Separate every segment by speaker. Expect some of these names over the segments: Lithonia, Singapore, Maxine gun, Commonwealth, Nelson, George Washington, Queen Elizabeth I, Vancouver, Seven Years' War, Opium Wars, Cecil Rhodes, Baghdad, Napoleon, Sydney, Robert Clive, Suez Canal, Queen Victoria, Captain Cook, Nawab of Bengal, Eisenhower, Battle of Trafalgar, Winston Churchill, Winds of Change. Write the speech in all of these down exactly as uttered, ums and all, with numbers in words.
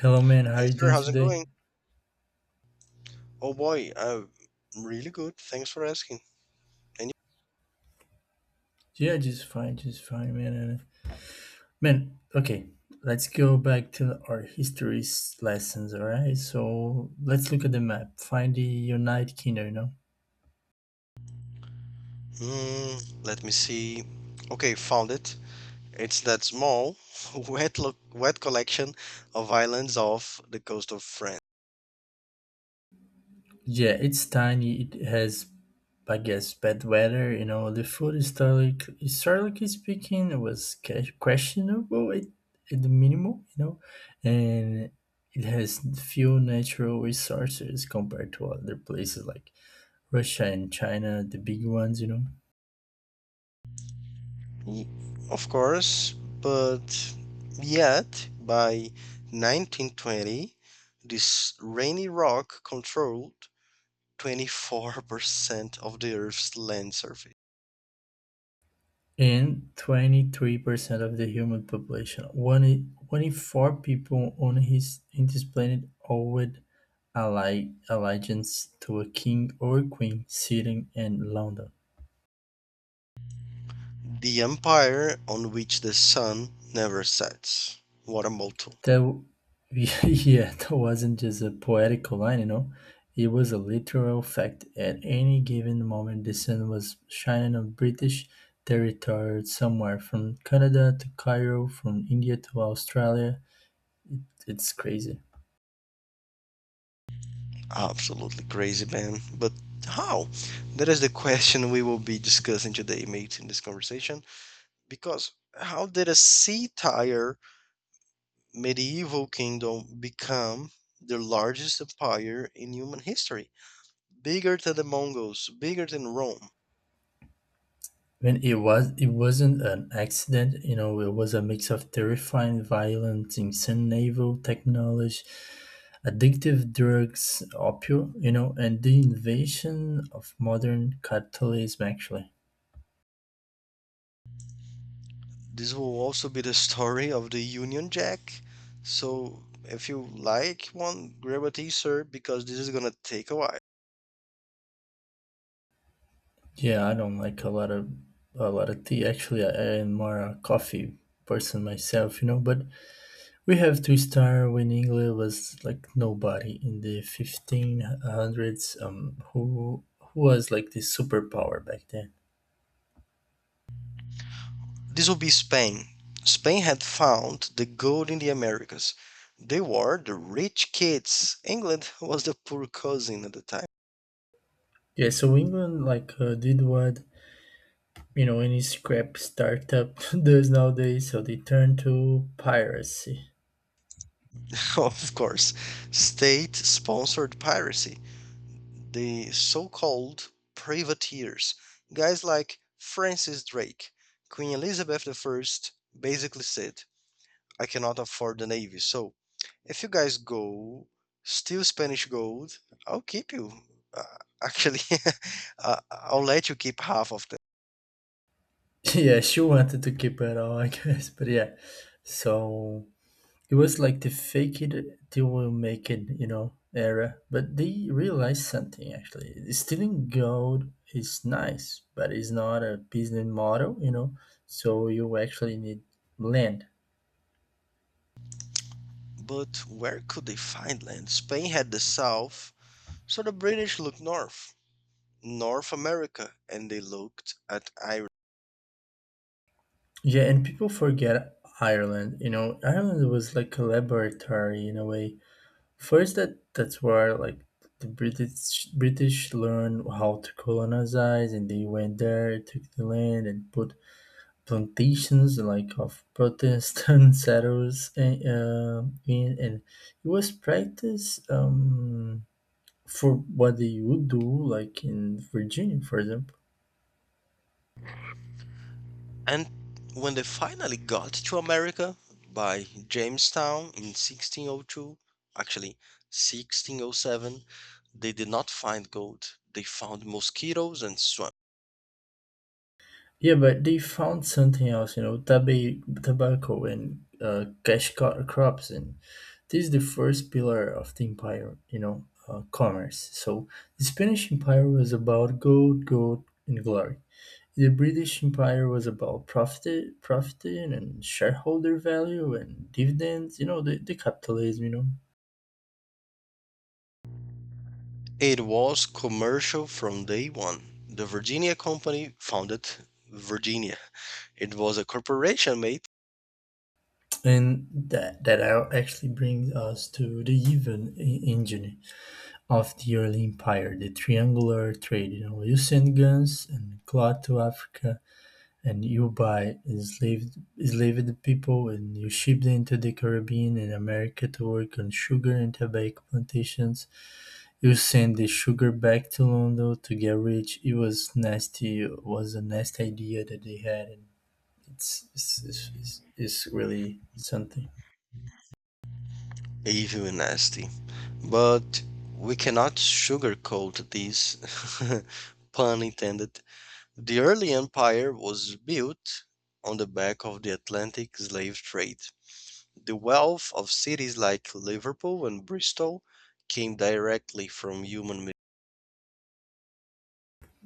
Speaker 1: Hello, man. How are
Speaker 2: Hey
Speaker 1: you
Speaker 2: sir,
Speaker 1: doing
Speaker 2: how's it
Speaker 1: today?
Speaker 2: going? Oh boy, uh, really good. Thanks for asking. And
Speaker 1: Yeah, just fine, just fine, man. And man, okay, let's go back to our history's lessons. All right, so let's look at the map. Find the United Kingdom. You know,
Speaker 2: you? Mm, let me see. Okay, found it. It's that small, wet look, wet collection of islands off the coast of France.
Speaker 1: yeah, it's tiny. It has, I guess, bad weather. You know, the food historic, historically speaking, it was ca- questionable at, at the minimum. You know, and it has few natural resources compared to other places like Russia and China, the big ones, you know,
Speaker 2: Ye- Of course, but yet by nineteen twenty, this rainy rock controlled twenty-four percent of the Earth's land surface.
Speaker 1: and twenty-three percent of the human population. One in, one in four people on his in this planet owed ally, allegiance to a king or queen sitting in London.
Speaker 2: The empire on which the sun never sets. What a motto.
Speaker 1: That, w- yeah, that wasn't just a poetical line, you know. It was a literal fact. At any given moment, the sun was shining on British territory somewhere from Canada to Cairo, from India to Australia. It's crazy.
Speaker 2: Absolutely crazy, man. But how? That is the question we will be discussing today, mates, in this conversation. Because how did a sea tire medieval kingdom become the largest empire in human history? Bigger than the Mongols, bigger than Rome.
Speaker 1: When it was, it wasn't an accident. You know, it was a mix of terrifying violence, insane naval technology, addictive drugs, opio. You know, and the invasion of modern capitalism. Actually,
Speaker 2: This will also be the story of the Union Jack. So if you like one, grab a t-shirt because this is gonna take a while.
Speaker 1: yeah, I don't like a lot of a lot of tea. Actually, I, I am more a coffee person myself. You know, but we have to start when England was like nobody in the fifteen hundreds, um, who who was like the superpower back then.
Speaker 2: This will be Spain. Spain had found the gold in the Americas. They were the rich kids. England was the poor cousin at the time.
Speaker 1: Yeah, so England like uh, did what, you know, any scrap startup does nowadays. So they turned to piracy.
Speaker 2: Of course, state sponsored piracy. The so called privateers. Guys like Francis Drake, Queen Elizabeth one basically said, I cannot afford the Navy. So if you guys go, steal Spanish gold, I'll keep you. Uh, Actually, uh, I'll let you keep half of them.
Speaker 1: Yeah, she wanted to keep it all, I guess. But yeah, so it was like the fake it till we make it, you know, era. But they realized something actually. Stealing gold is nice, but it's not a business model, you know. So you actually need land.
Speaker 2: But where could they find land? Spain had the south, so the British looked north, North America, and they looked at Ireland.
Speaker 1: Yeah, and people forget Ireland. You know, Ireland was like a laboratory in a way. First, that that's where like the British British learned how to colonize, and they went there, took the land, and put plantations like of Protestant settlers and, uh, in and it was practice um, for what they would do like in Virginia, for example.
Speaker 2: And when they finally got to America by Jamestown in sixteen oh two, actually sixteen oh seven, they did not find gold. They found mosquitoes and swamp.
Speaker 1: Yeah, but they found something else, you know, tab- tobacco and uh, cash co- crops. And this is the first pillar of the empire, you know, uh, commerce. So the Spanish Empire was about gold gold and glory. The British Empire was about profit, profit and shareholder value and dividends. You know, the, the capitalism. You know,
Speaker 2: It was commercial from day one. The Virginia Company founded Virginia. It was a corporation, mate.
Speaker 1: and that that out- actually brings us to the even e- engine of the early empire, the triangular trade. You know, you send guns and cloth to Africa, and you buy enslaved enslaved people, and you ship them to the Caribbean and America to work on sugar and tobacco plantations. You send the sugar back to London to get rich. It was nasty. It was a nasty idea that they had, and it's it's, it's, it's, it's really something.
Speaker 2: Evil and nasty. But we cannot sugarcoat this, pun intended. The early empire was built on the back of the Atlantic slave trade. The wealth of cities like Liverpool and Bristol came directly from human.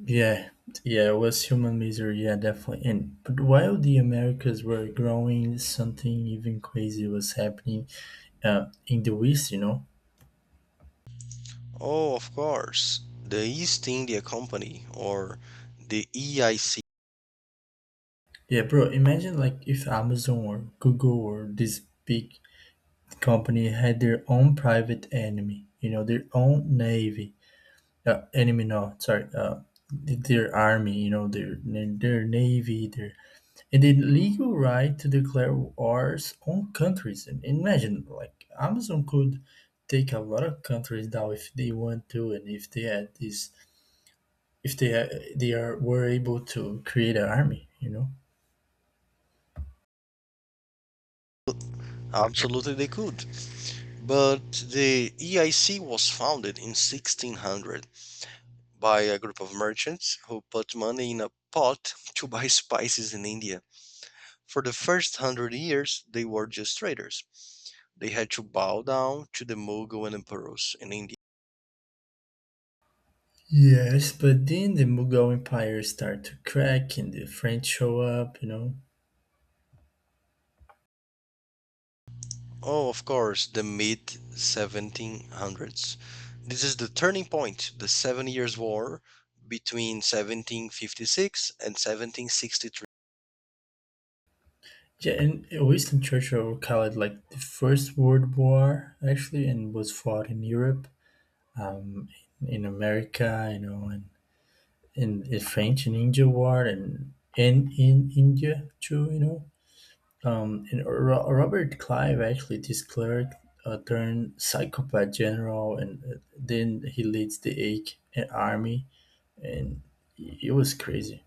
Speaker 1: Yeah, yeah, it was human misery. Yeah, definitely. And but while the Americas were growing, something even crazy was happening uh, in the West. You know.
Speaker 2: Oh, of course, the East India Company, or the E I C.
Speaker 1: Yeah, bro. Imagine like if Amazon or Google or this big company had their own private enemy. You know, their own navy uh, enemy, no, sorry, uh, their army, you know, their their navy, their. And the legal right to declare wars on countries. And imagine like Amazon could take a lot of countries down if they want to. And if they had this, if they uh, they are were able to create an army, you know.
Speaker 2: Absolutely, they could. But the E I C was founded in sixteen hundred by a group of merchants who put money in a pot to buy spices in India. For the first hundred years, they were just traders. They had to bow down to the Mughal and emperors in India.
Speaker 1: Yes, but then the Mughal Empire start to crack and the French show up, you know.
Speaker 2: Oh, of course, the mid seventeen hundreds. This is the turning point, the Seven Years' War between seventeen fifty-six and seventeen sixty-three.
Speaker 1: Yeah, and Winston Churchill called it like the First World War, actually, and was fought in Europe, um, in America, you know, and in the French and Indian War, and in in India too, you know. Um, and Ro- Robert Clive, actually, this clerk, uh, turned psychopath general, and uh, then he leads the Eighth Army, and it was crazy.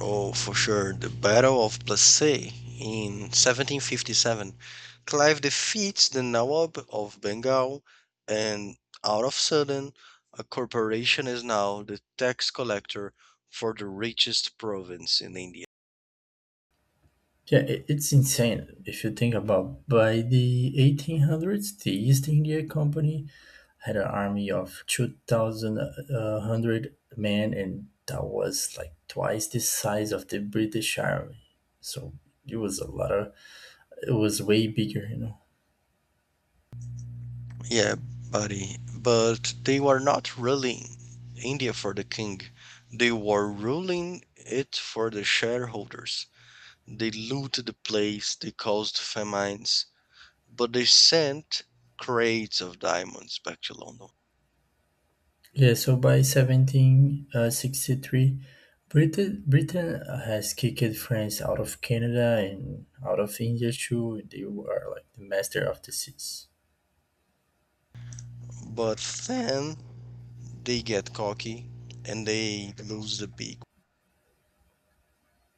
Speaker 2: Oh, for sure. The Battle of Plassey in seventeen fifty-seven, Clive defeats the Nawab of Bengal, and out of sudden, a corporation is now the tax collector for the richest province in India.
Speaker 1: Yeah, it, it's insane if you think about. By the eighteen hundreds, the East India Company had an army of two thousand one hundred men, and that was like twice the size of the British army. So it was a lot of. It was way bigger, you know.
Speaker 2: Yeah, buddy, but they were not ruling India for the king. They were ruling it for the shareholders. They looted the place, they caused famines, but they sent crates of diamonds back to London.
Speaker 1: Yeah. So by seventeen sixty-three, Britain Britain has kicked France out of Canada and out of India too. They were like the master of the seas.
Speaker 2: But then they get cocky and they lose the big.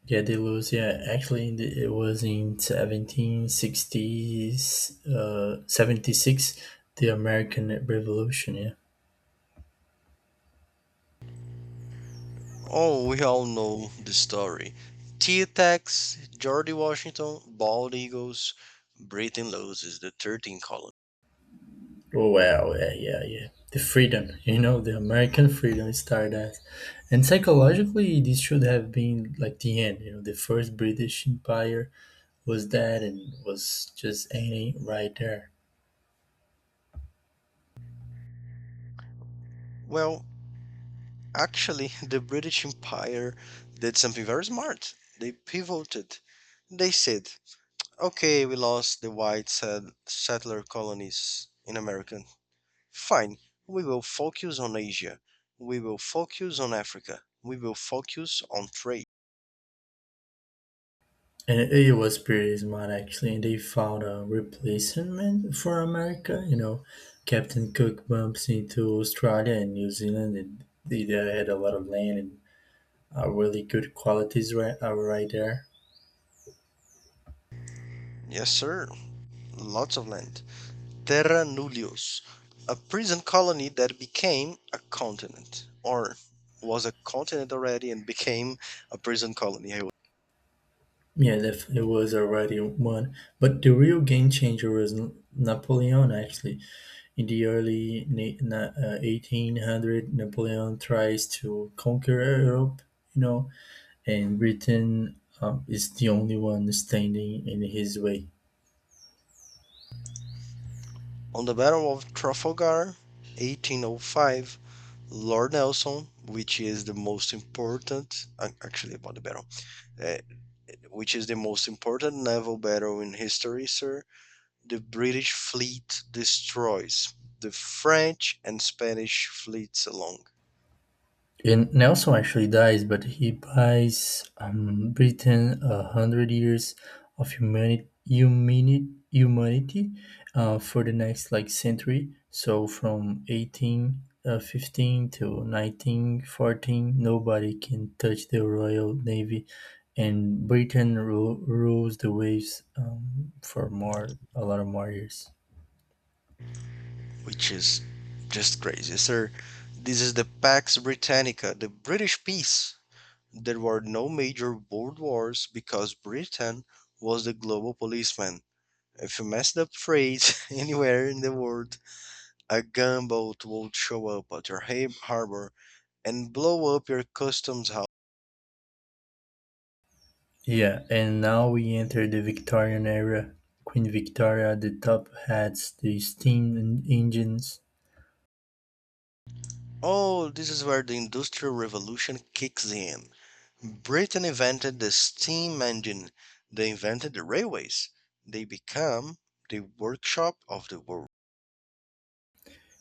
Speaker 1: Yeah, they lose. Yeah, actually, in the- it was in seventeen sixties, uh, seventy-six, the American Revolution. Yeah.
Speaker 2: Oh, we all know the story. T-Tex, George Washington, Bald Eagles, Britain loses the thirteenth colony.
Speaker 1: Oh, wow. Yeah, yeah, yeah. The freedom, you know, the American freedom started as. And psychologically, this should have been like the end. You know, the first British Empire was that and was just ending right there.
Speaker 2: Well, actually, the British Empire did something very smart. They pivoted. They said, okay, we lost the white settler colonies in America. Fine. We will focus on Asia. We will focus on Africa. We will focus on trade.
Speaker 1: And it it was pretty smart actually. And they found a replacement for America. You know, Captain Cook bumps into Australia and New Zealand, and they, they had a lot of land and uh, really good qualities right uh, right there.
Speaker 2: Yes, sir. Lots of land. Terra nullius, a prison colony that became a continent, or was a continent already and became a prison colony.
Speaker 1: Yeah, def- it was already one. But the real game changer was N- Napoleon, actually. In the early na- na- uh, eighteen hundred, Napoleon tries to conquer Europe. You know, and Britain um, is the only one standing in his way.
Speaker 2: On the Battle of Trafalgar, eighteen oh five, Lord Nelson, which is the most important, uh, actually about the battle, uh, which is the most important naval battle in history, sir, the British fleet destroys the French and Spanish fleets along,
Speaker 1: And Nelson actually dies, but he buys um, Britain a hundred years of humanity, humanity, humanity uh, for the next like century. So from eighteen uh, fifteen to nineteen fourteen, nobody can touch the Royal Navy, and Britain ru- rules the waves um, for more a lot of more years.
Speaker 2: which is just crazy, sir. This is the Pax Britannica, the British peace. There were no major world wars because Britain was the global policeman. If you messed up freight anywhere in the world, a gunboat would show up at your harbor and blow up your customs house.
Speaker 1: Yeah, and now we enter the Victorian era. Queen Victoria, the top hats, the steam en- engines.
Speaker 2: Oh, this is where the Industrial Revolution kicks in. Britain invented the steam engine, they invented the railways. They become the workshop of the world.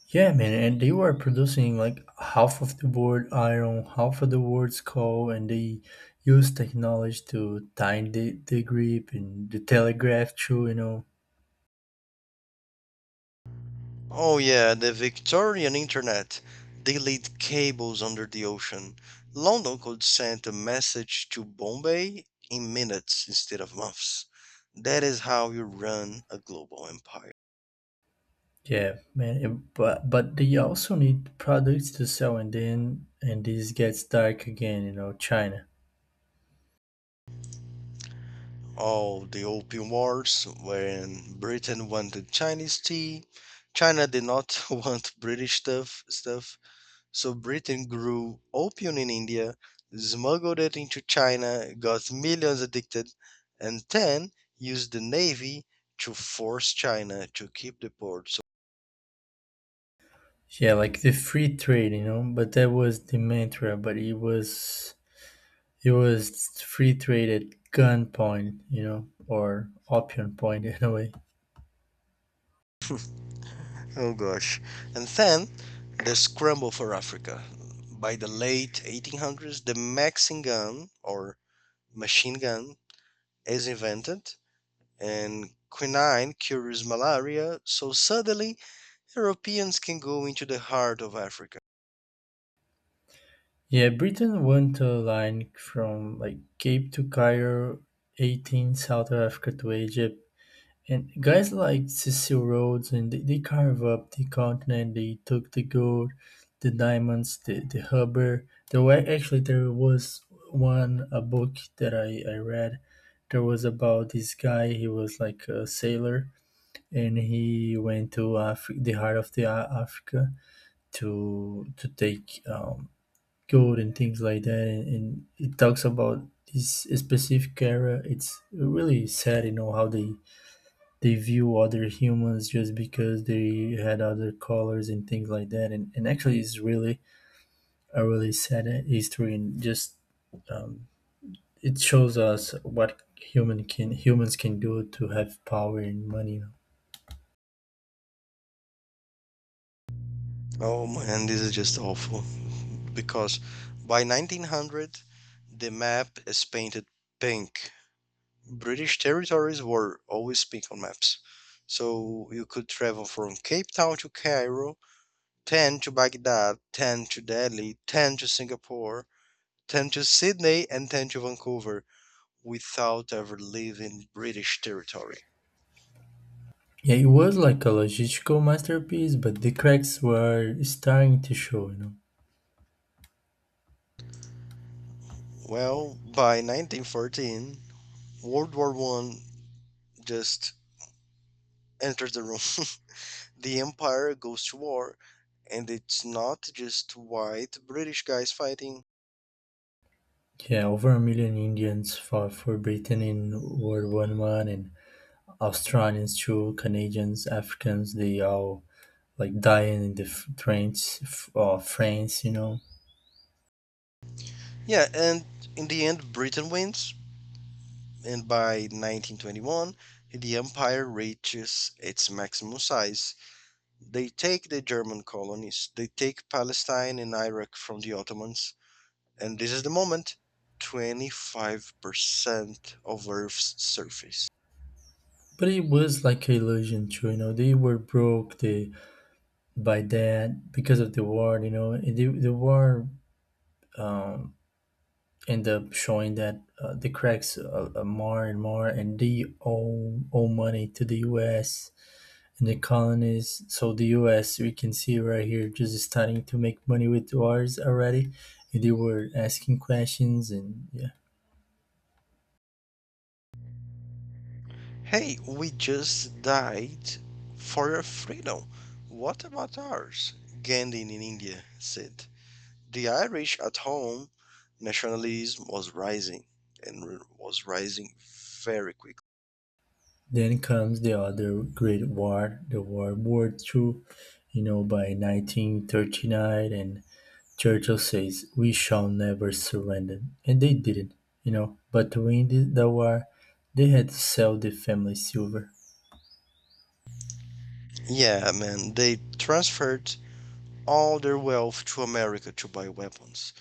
Speaker 1: Yeah, man, and they were producing like half of the world iron, half of the world's coal, and they used technology to tighten the, the grip, and the telegraph too, you know.
Speaker 2: Oh, yeah, the Victorian internet. They laid cables under the ocean. London could send a message to Bombay in minutes instead of months. That is how you run a global empire.
Speaker 1: Yeah, man, and- but but they also need products to sell, and then, and this gets dark again, you know, China.
Speaker 2: Of the Opium Wars when Britain wanted Chinese tea. China did not want British stuff, stuff. So Britain grew opium in India, smuggled it into China, got millions addicted, and then used the navy to force China to keep the ports.
Speaker 1: Yeah, like the free trade, you know, but that was the mantra. But it was it was free trade at gunpoint, you know, or option point, in a way.
Speaker 2: Oh gosh. And then the scramble for Africa. By the late eighteen hundreds, the Maxine gun, or machine gun, is invented and quinine cures malaria. So suddenly, Europeans can go into the heart of Africa.
Speaker 1: Yeah, Britain went to a line from like Cape to Cairo, eighteen south of Africa to Egypt. And guys like Cecil Rhodes, and they, they carve up the continent. They took the gold, the diamonds, the, the rubber. There were actually there was one a book that I, I read. There was about this guy. He was like a sailor, and he went to Afri- the heart of the A- Africa to to take um, gold and things like that. And, and it talks about this specific era. It's really sad, you know, how they they view other humans just because they had other colors and things like that. And, and actually, it's really a really sad history, and just um, it shows us what human can humans can do to have power and money.
Speaker 2: Oh man, this is just awful. Because by nineteen hundred, the map is painted pink. British territories were always pink on maps. So you could travel from Cape Town to Cairo, ten to Baghdad, ten to Delhi, ten to Singapore, ten to Sydney, and ten to Vancouver without ever leaving British territory.
Speaker 1: Yeah, it was like a logistical masterpiece, but the cracks were starting to show. You know,
Speaker 2: Well, by nineteen fourteen, World War One just enters the room. The Empire goes to war, and it's not just white British guys fighting.
Speaker 1: yeah, over a million Indians fought for Britain in World War One, and Australians too, Canadians, Africans. They all like dying in the f- trains f- uh, France, you know.
Speaker 2: Yeah, and in the end, Britain wins, and by nineteen twenty-one, the Empire reaches its maximum size. They take the German colonies, they take Palestine and Iraq from the Ottomans, and this is the moment, twenty-five percent of Earth's surface.
Speaker 1: But it was like a illusion too, you know. They were broke, they, by that because of the war, you know. And the, the war um, ended up showing that uh, the cracks uh, uh, more and more, and they owe, owe money to the U S and the colonies. So the U S we can see right here just starting to make money with wars already. And they were asking questions, and yeah.
Speaker 2: Hey, we just died for your freedom. What about ours? Gandhi in India said. The Irish at home, nationalism was rising and r- was rising very quickly.
Speaker 1: Then comes the other great war, the World War Two. You know, by nineteen thirty-nine, and Churchill says, "We shall never surrender," and they didn't. You know, but to win the, the war, they had to sell the family silver.
Speaker 2: Yeah, man, they transferred all their wealth to America to buy weapons.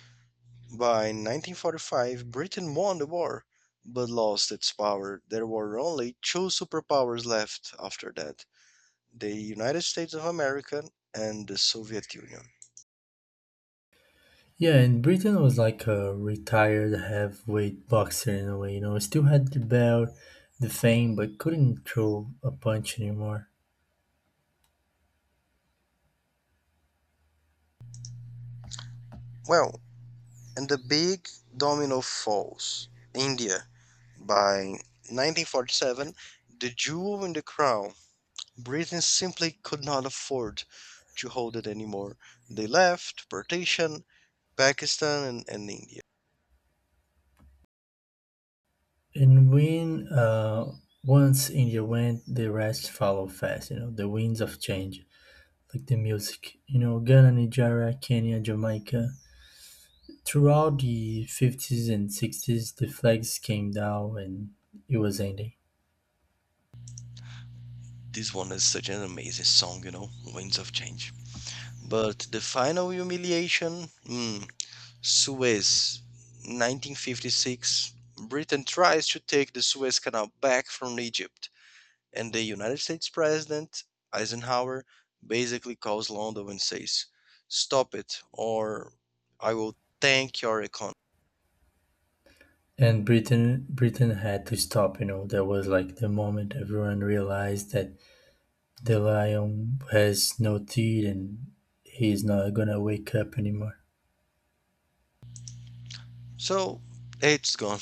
Speaker 2: By nineteen forty-five, Britain won the war but lost its power. There were only two superpowers left after that: the United States of America and the Soviet Union.
Speaker 1: Yeah, and Britain was like a retired heavyweight boxer in a way. You know, still had the belt, the fame, but couldn't throw a punch anymore.
Speaker 2: Well, and the big domino falls. India, by nineteen forty-seven, the jewel in the crown, Britain simply could not afford to hold it anymore. They left, partition, Pakistan, and, and India.
Speaker 1: And when uh, once India went, the rest follow fast. You know, the winds of change, like the music. You know, Ghana, Nigeria, Kenya, Jamaica. Throughout the fifties and sixties, the flags came down, and it was ending.
Speaker 2: This one is such an amazing song, you know, Winds of Change. But the final humiliation, hmm, Suez, nineteen fifty-six. Britain tries to take the Suez Canal back from Egypt, and the United States President Eisenhower basically calls London and says, stop it, or I will tank your economy.
Speaker 1: And Britain, Britain had to stop. You know, that was like the moment everyone realized that the lion has no teeth, and he's not gonna wake up anymore.
Speaker 2: So it's gone.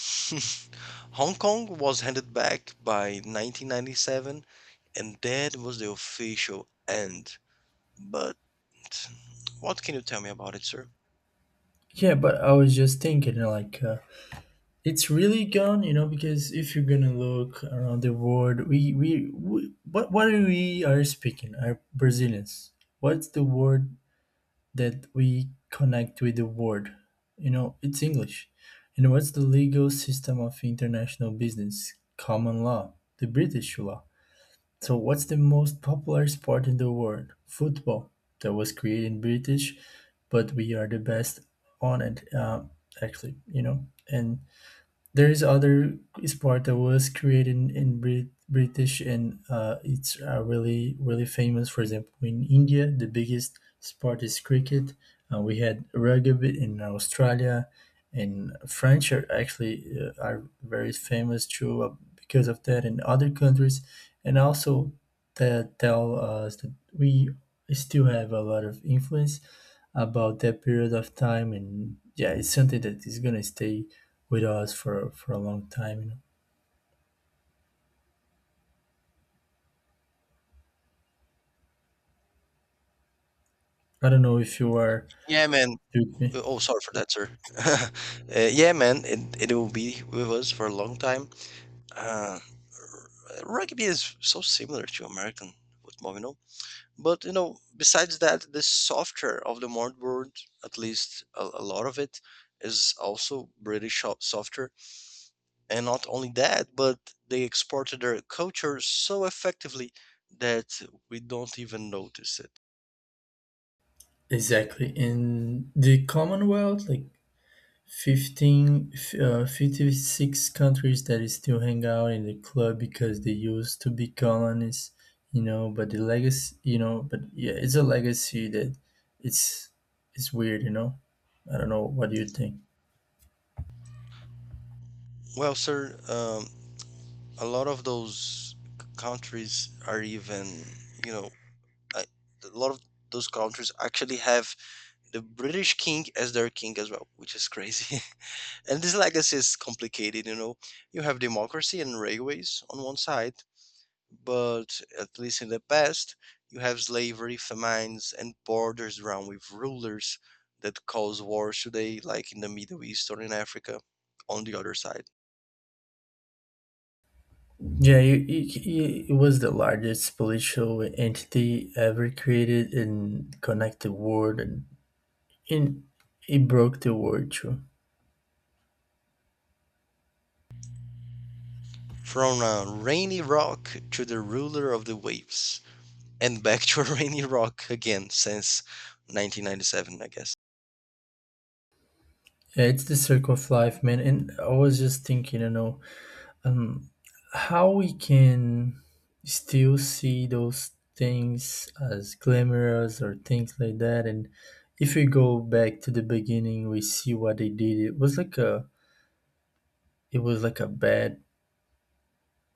Speaker 2: Hong Kong was handed back by nineteen ninety-seven, and that was the official end. But what can you tell me about it, sir?
Speaker 1: Yeah, but I was just thinking, like. Uh, it's really gone, you know, because if you're gonna look around the world, we we, we what what are we are speaking? Are Brazilians, what's the word that we connect with? The word, you know, it's English. And what's the legal system of international business? Common law, the British law. So what's the most popular sport in the world? Football, that was created British, but we are the best on it. Uh, actually, you know. And there is other sport that was created in, in Brit- British, and uh, it's uh, really really famous. For example, in India, the biggest sport is cricket. Uh, we had rugby in Australia, and French are actually uh, are very famous too uh, because of that in other countries, and also that tell us that we still have a lot of influence about that period of time. And yeah, it's something that is gonna stay with us for for a long time, you know. I don't know if you are
Speaker 2: Yeah, man.
Speaker 1: with me.
Speaker 2: Uh, Oh, sorry for that, sir. uh, yeah, man, it, it will be with us for a long time. Uh, r- rugby is so similar to American football, you know. But you know, besides that, the software of the modern world, at least a, a lot of it, is also British sho- software. And not only that, but they exported their culture so effectively that we don't even notice it.
Speaker 1: Exactly, in the Commonwealth, like fifteen f- uh, fifty-six countries that is still hang out in the club because they used to be colonies, you know. But the legacy, you know, but yeah, it's a legacy that it's it's weird, you know. I don't know, what do you think?
Speaker 2: Well, sir, um, a lot of those c- countries are even you know I, a lot of those countries actually have the British king as their king as well, which is crazy. And this legacy is complicated you know You have democracy and railways on one side, but at least in the past, you have slavery, famines, and borders around with rulers that cause wars today, like in the Middle East or in Africa, on the other side.
Speaker 1: Yeah, you- you- you- it was the largest political entity ever created and connected the world, and in it broke the world too.
Speaker 2: From a rainy rock to the ruler of the waves, and back to a rainy rock again since nineteen ninety-seven, I guess.
Speaker 1: Yeah, it's the circle of life, man. And I was just thinking, you know, um, how we can still see those things as glamorous or things like that. And if we go back to the beginning, we see what they did. It was like a, it was like a bad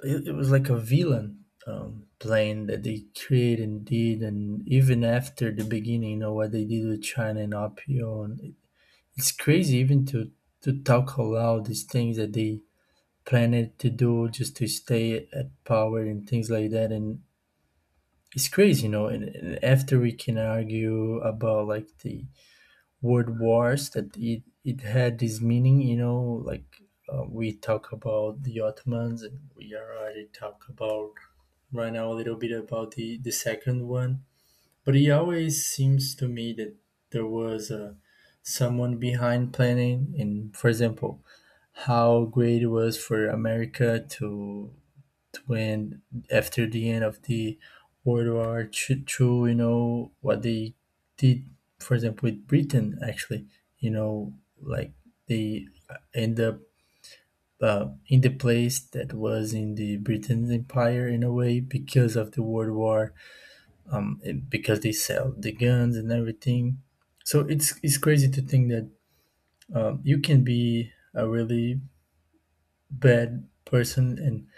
Speaker 1: It, it was like a villain um, plane that they created and did. And even after the beginning, you know what they did with China and Opio. And it, it's crazy even to to talk out loud these things that they planned to do just to stay at power and things like that. And it's crazy, you know. And, and after, we can argue about like the World wars that it, it had this meaning, you know. Like, uh, we talk about the Ottomans, and we already talk about right now a little bit about the the second one. But it always seems to me that there was a someone behind planning. And for example, how great it was for America to, when, after the end of the World War Two, Two, you know what they did, for example, with Britain. Actually, you know, like they end up uh, in the place that was in the Britain's empire in a way because of the World War, um, and because they sell the guns and everything. So it's it's crazy to think that um, you can be a really bad person, and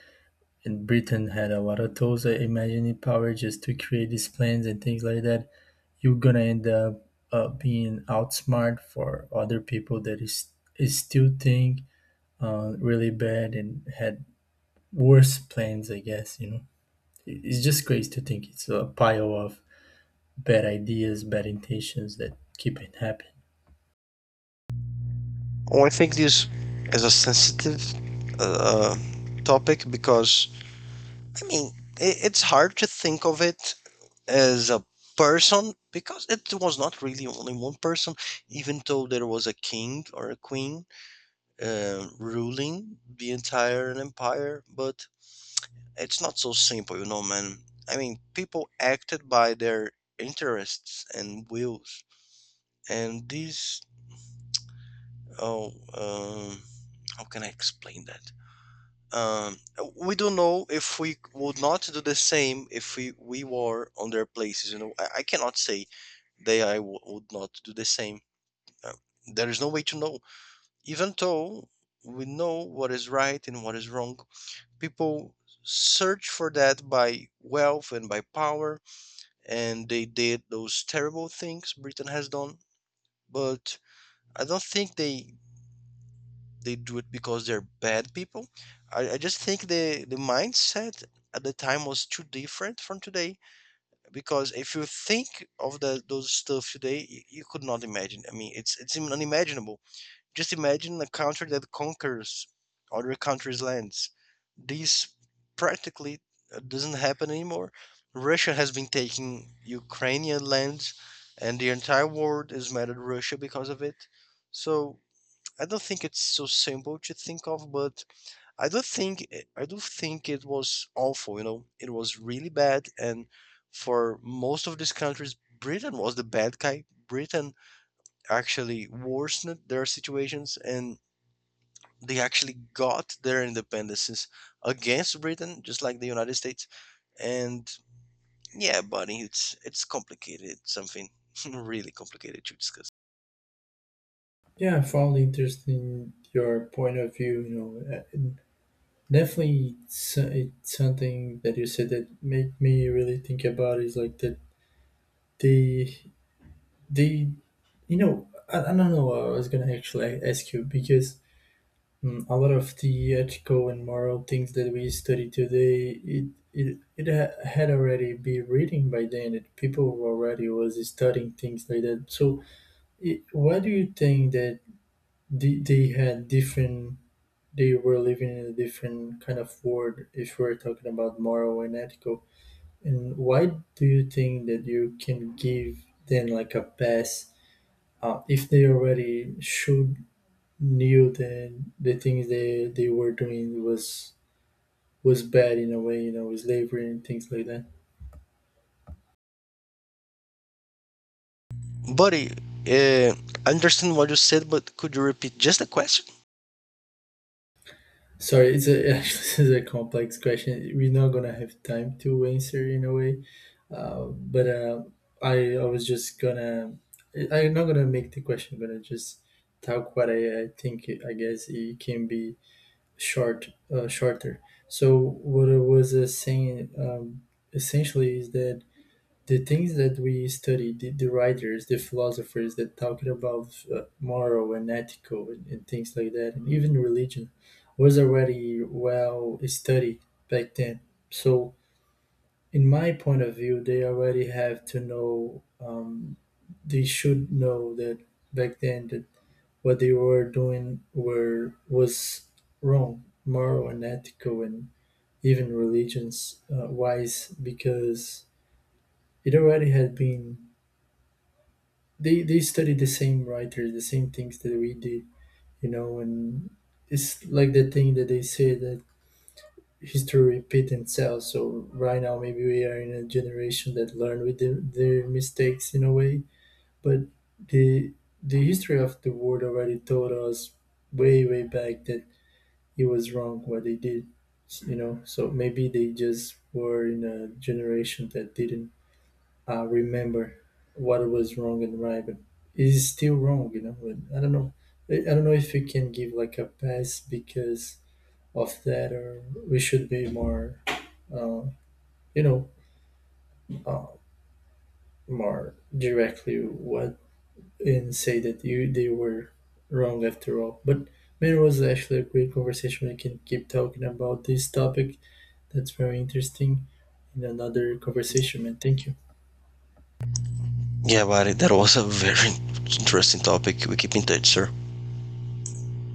Speaker 1: and Britain had a lot of tools and imagining power just to create these plans and things like that. You're gonna end up uh, being outsmart for other people that is, is still think uh, really bad and had worse plans, I guess, you know. It- it's just crazy to think it's a pile of bad ideas, bad intentions that keep it happening.
Speaker 2: Well, I think this is a sensitive uh, topic because, I mean, i- it's hard to think of it as a person because it was not really only one person, even though there was a king or a queen uh, ruling the entire empire. But it's not so simple, you know, man. I mean, people acted by their interests and wills, and these. Oh, um, how can I explain that? Um, we don't know if we would not do the same if we, we were on their places. You know, I, I cannot say they I w- would not do the same. Uh, there is no way to know, even though we know what is right and what is wrong. People search for that by wealth and by power and they did those terrible things Britain has done. But I don't think they they do it because they're bad people. I, I just think the the mindset at the time was too different from today because if you think of the, those stuff today, you, you could not imagine. I mean, it's it's unimaginable. Just imagine a country that conquers other countries' lands. This practically uh, doesn't happen anymore. Russia has been taking Ukrainian lands, and the entire world is mad at Russia because of it. So I don't think it's so simple to think of, but I do think I do think it was awful. You know, it was really bad, and for most of these countries, Britain was the bad guy. Britain actually worsened their situations, and they actually got their independences against Britain, just like the United States. And yeah, buddy, it's it's complicated. It's something really complicated to discuss.
Speaker 1: Yeah, I found interesting your point of view. You know, uh, definitely, it's, it's something that you said that made me really think about is like that they they you know I, I don't know what I was gonna actually ask you. Because mm, a lot of the ethical and moral things that we study today it it, it ha- had already been written by then. That people already was studying things like that. So it, why do you think that they, they had different, they were living in a different kind of world, if we're talking about moral and ethical. And why do you think that you can give them like a pass, uh, if they already should knew that the things they they were doing was was bad in a way, you know, with slavery and things like that?
Speaker 2: Buddy, uh, I understand what you said, but could you repeat just the question?
Speaker 1: Sorry, it's a actually this is a complex question. We're not gonna have time to answer in a way, uh, but uh, I I was just gonna I- I'm not gonna make the question. I'm gonna just talk what I, I think. I guess it can be short uh, shorter. So what I was uh, saying um, essentially is that the things that we study, the, the writers, the philosophers that talked about uh, moral and ethical and, and things like that, and even religion, was already well studied back then. So in my point of view, they already have to know. Um, they should know that back then that what they were doing were was wrong, moral and ethical and even religions uh, wise, because it already had been, they, they studied the same writers, the same things that we did, you know. And it's like the thing that they say, that history repeats itself. So right now, maybe we are in a generation that learn with their, their mistakes in a way. But the the history of the world already told us way way back that it was wrong what they did, you know. So maybe they just were in a generation that didn't uh, remember what was wrong and right, but it is still wrong, you know. And I don't know. I I don't know if we can give like a pass because of that, or we should be more, uh, you know, uh, more directly what, and say that you they were wrong after all. But man, it was actually a great conversation. I can keep talking about this topic. That's very interesting in another conversation, man. Thank you.
Speaker 2: Yeah, buddy, that was a very interesting topic. We keep in touch, sir.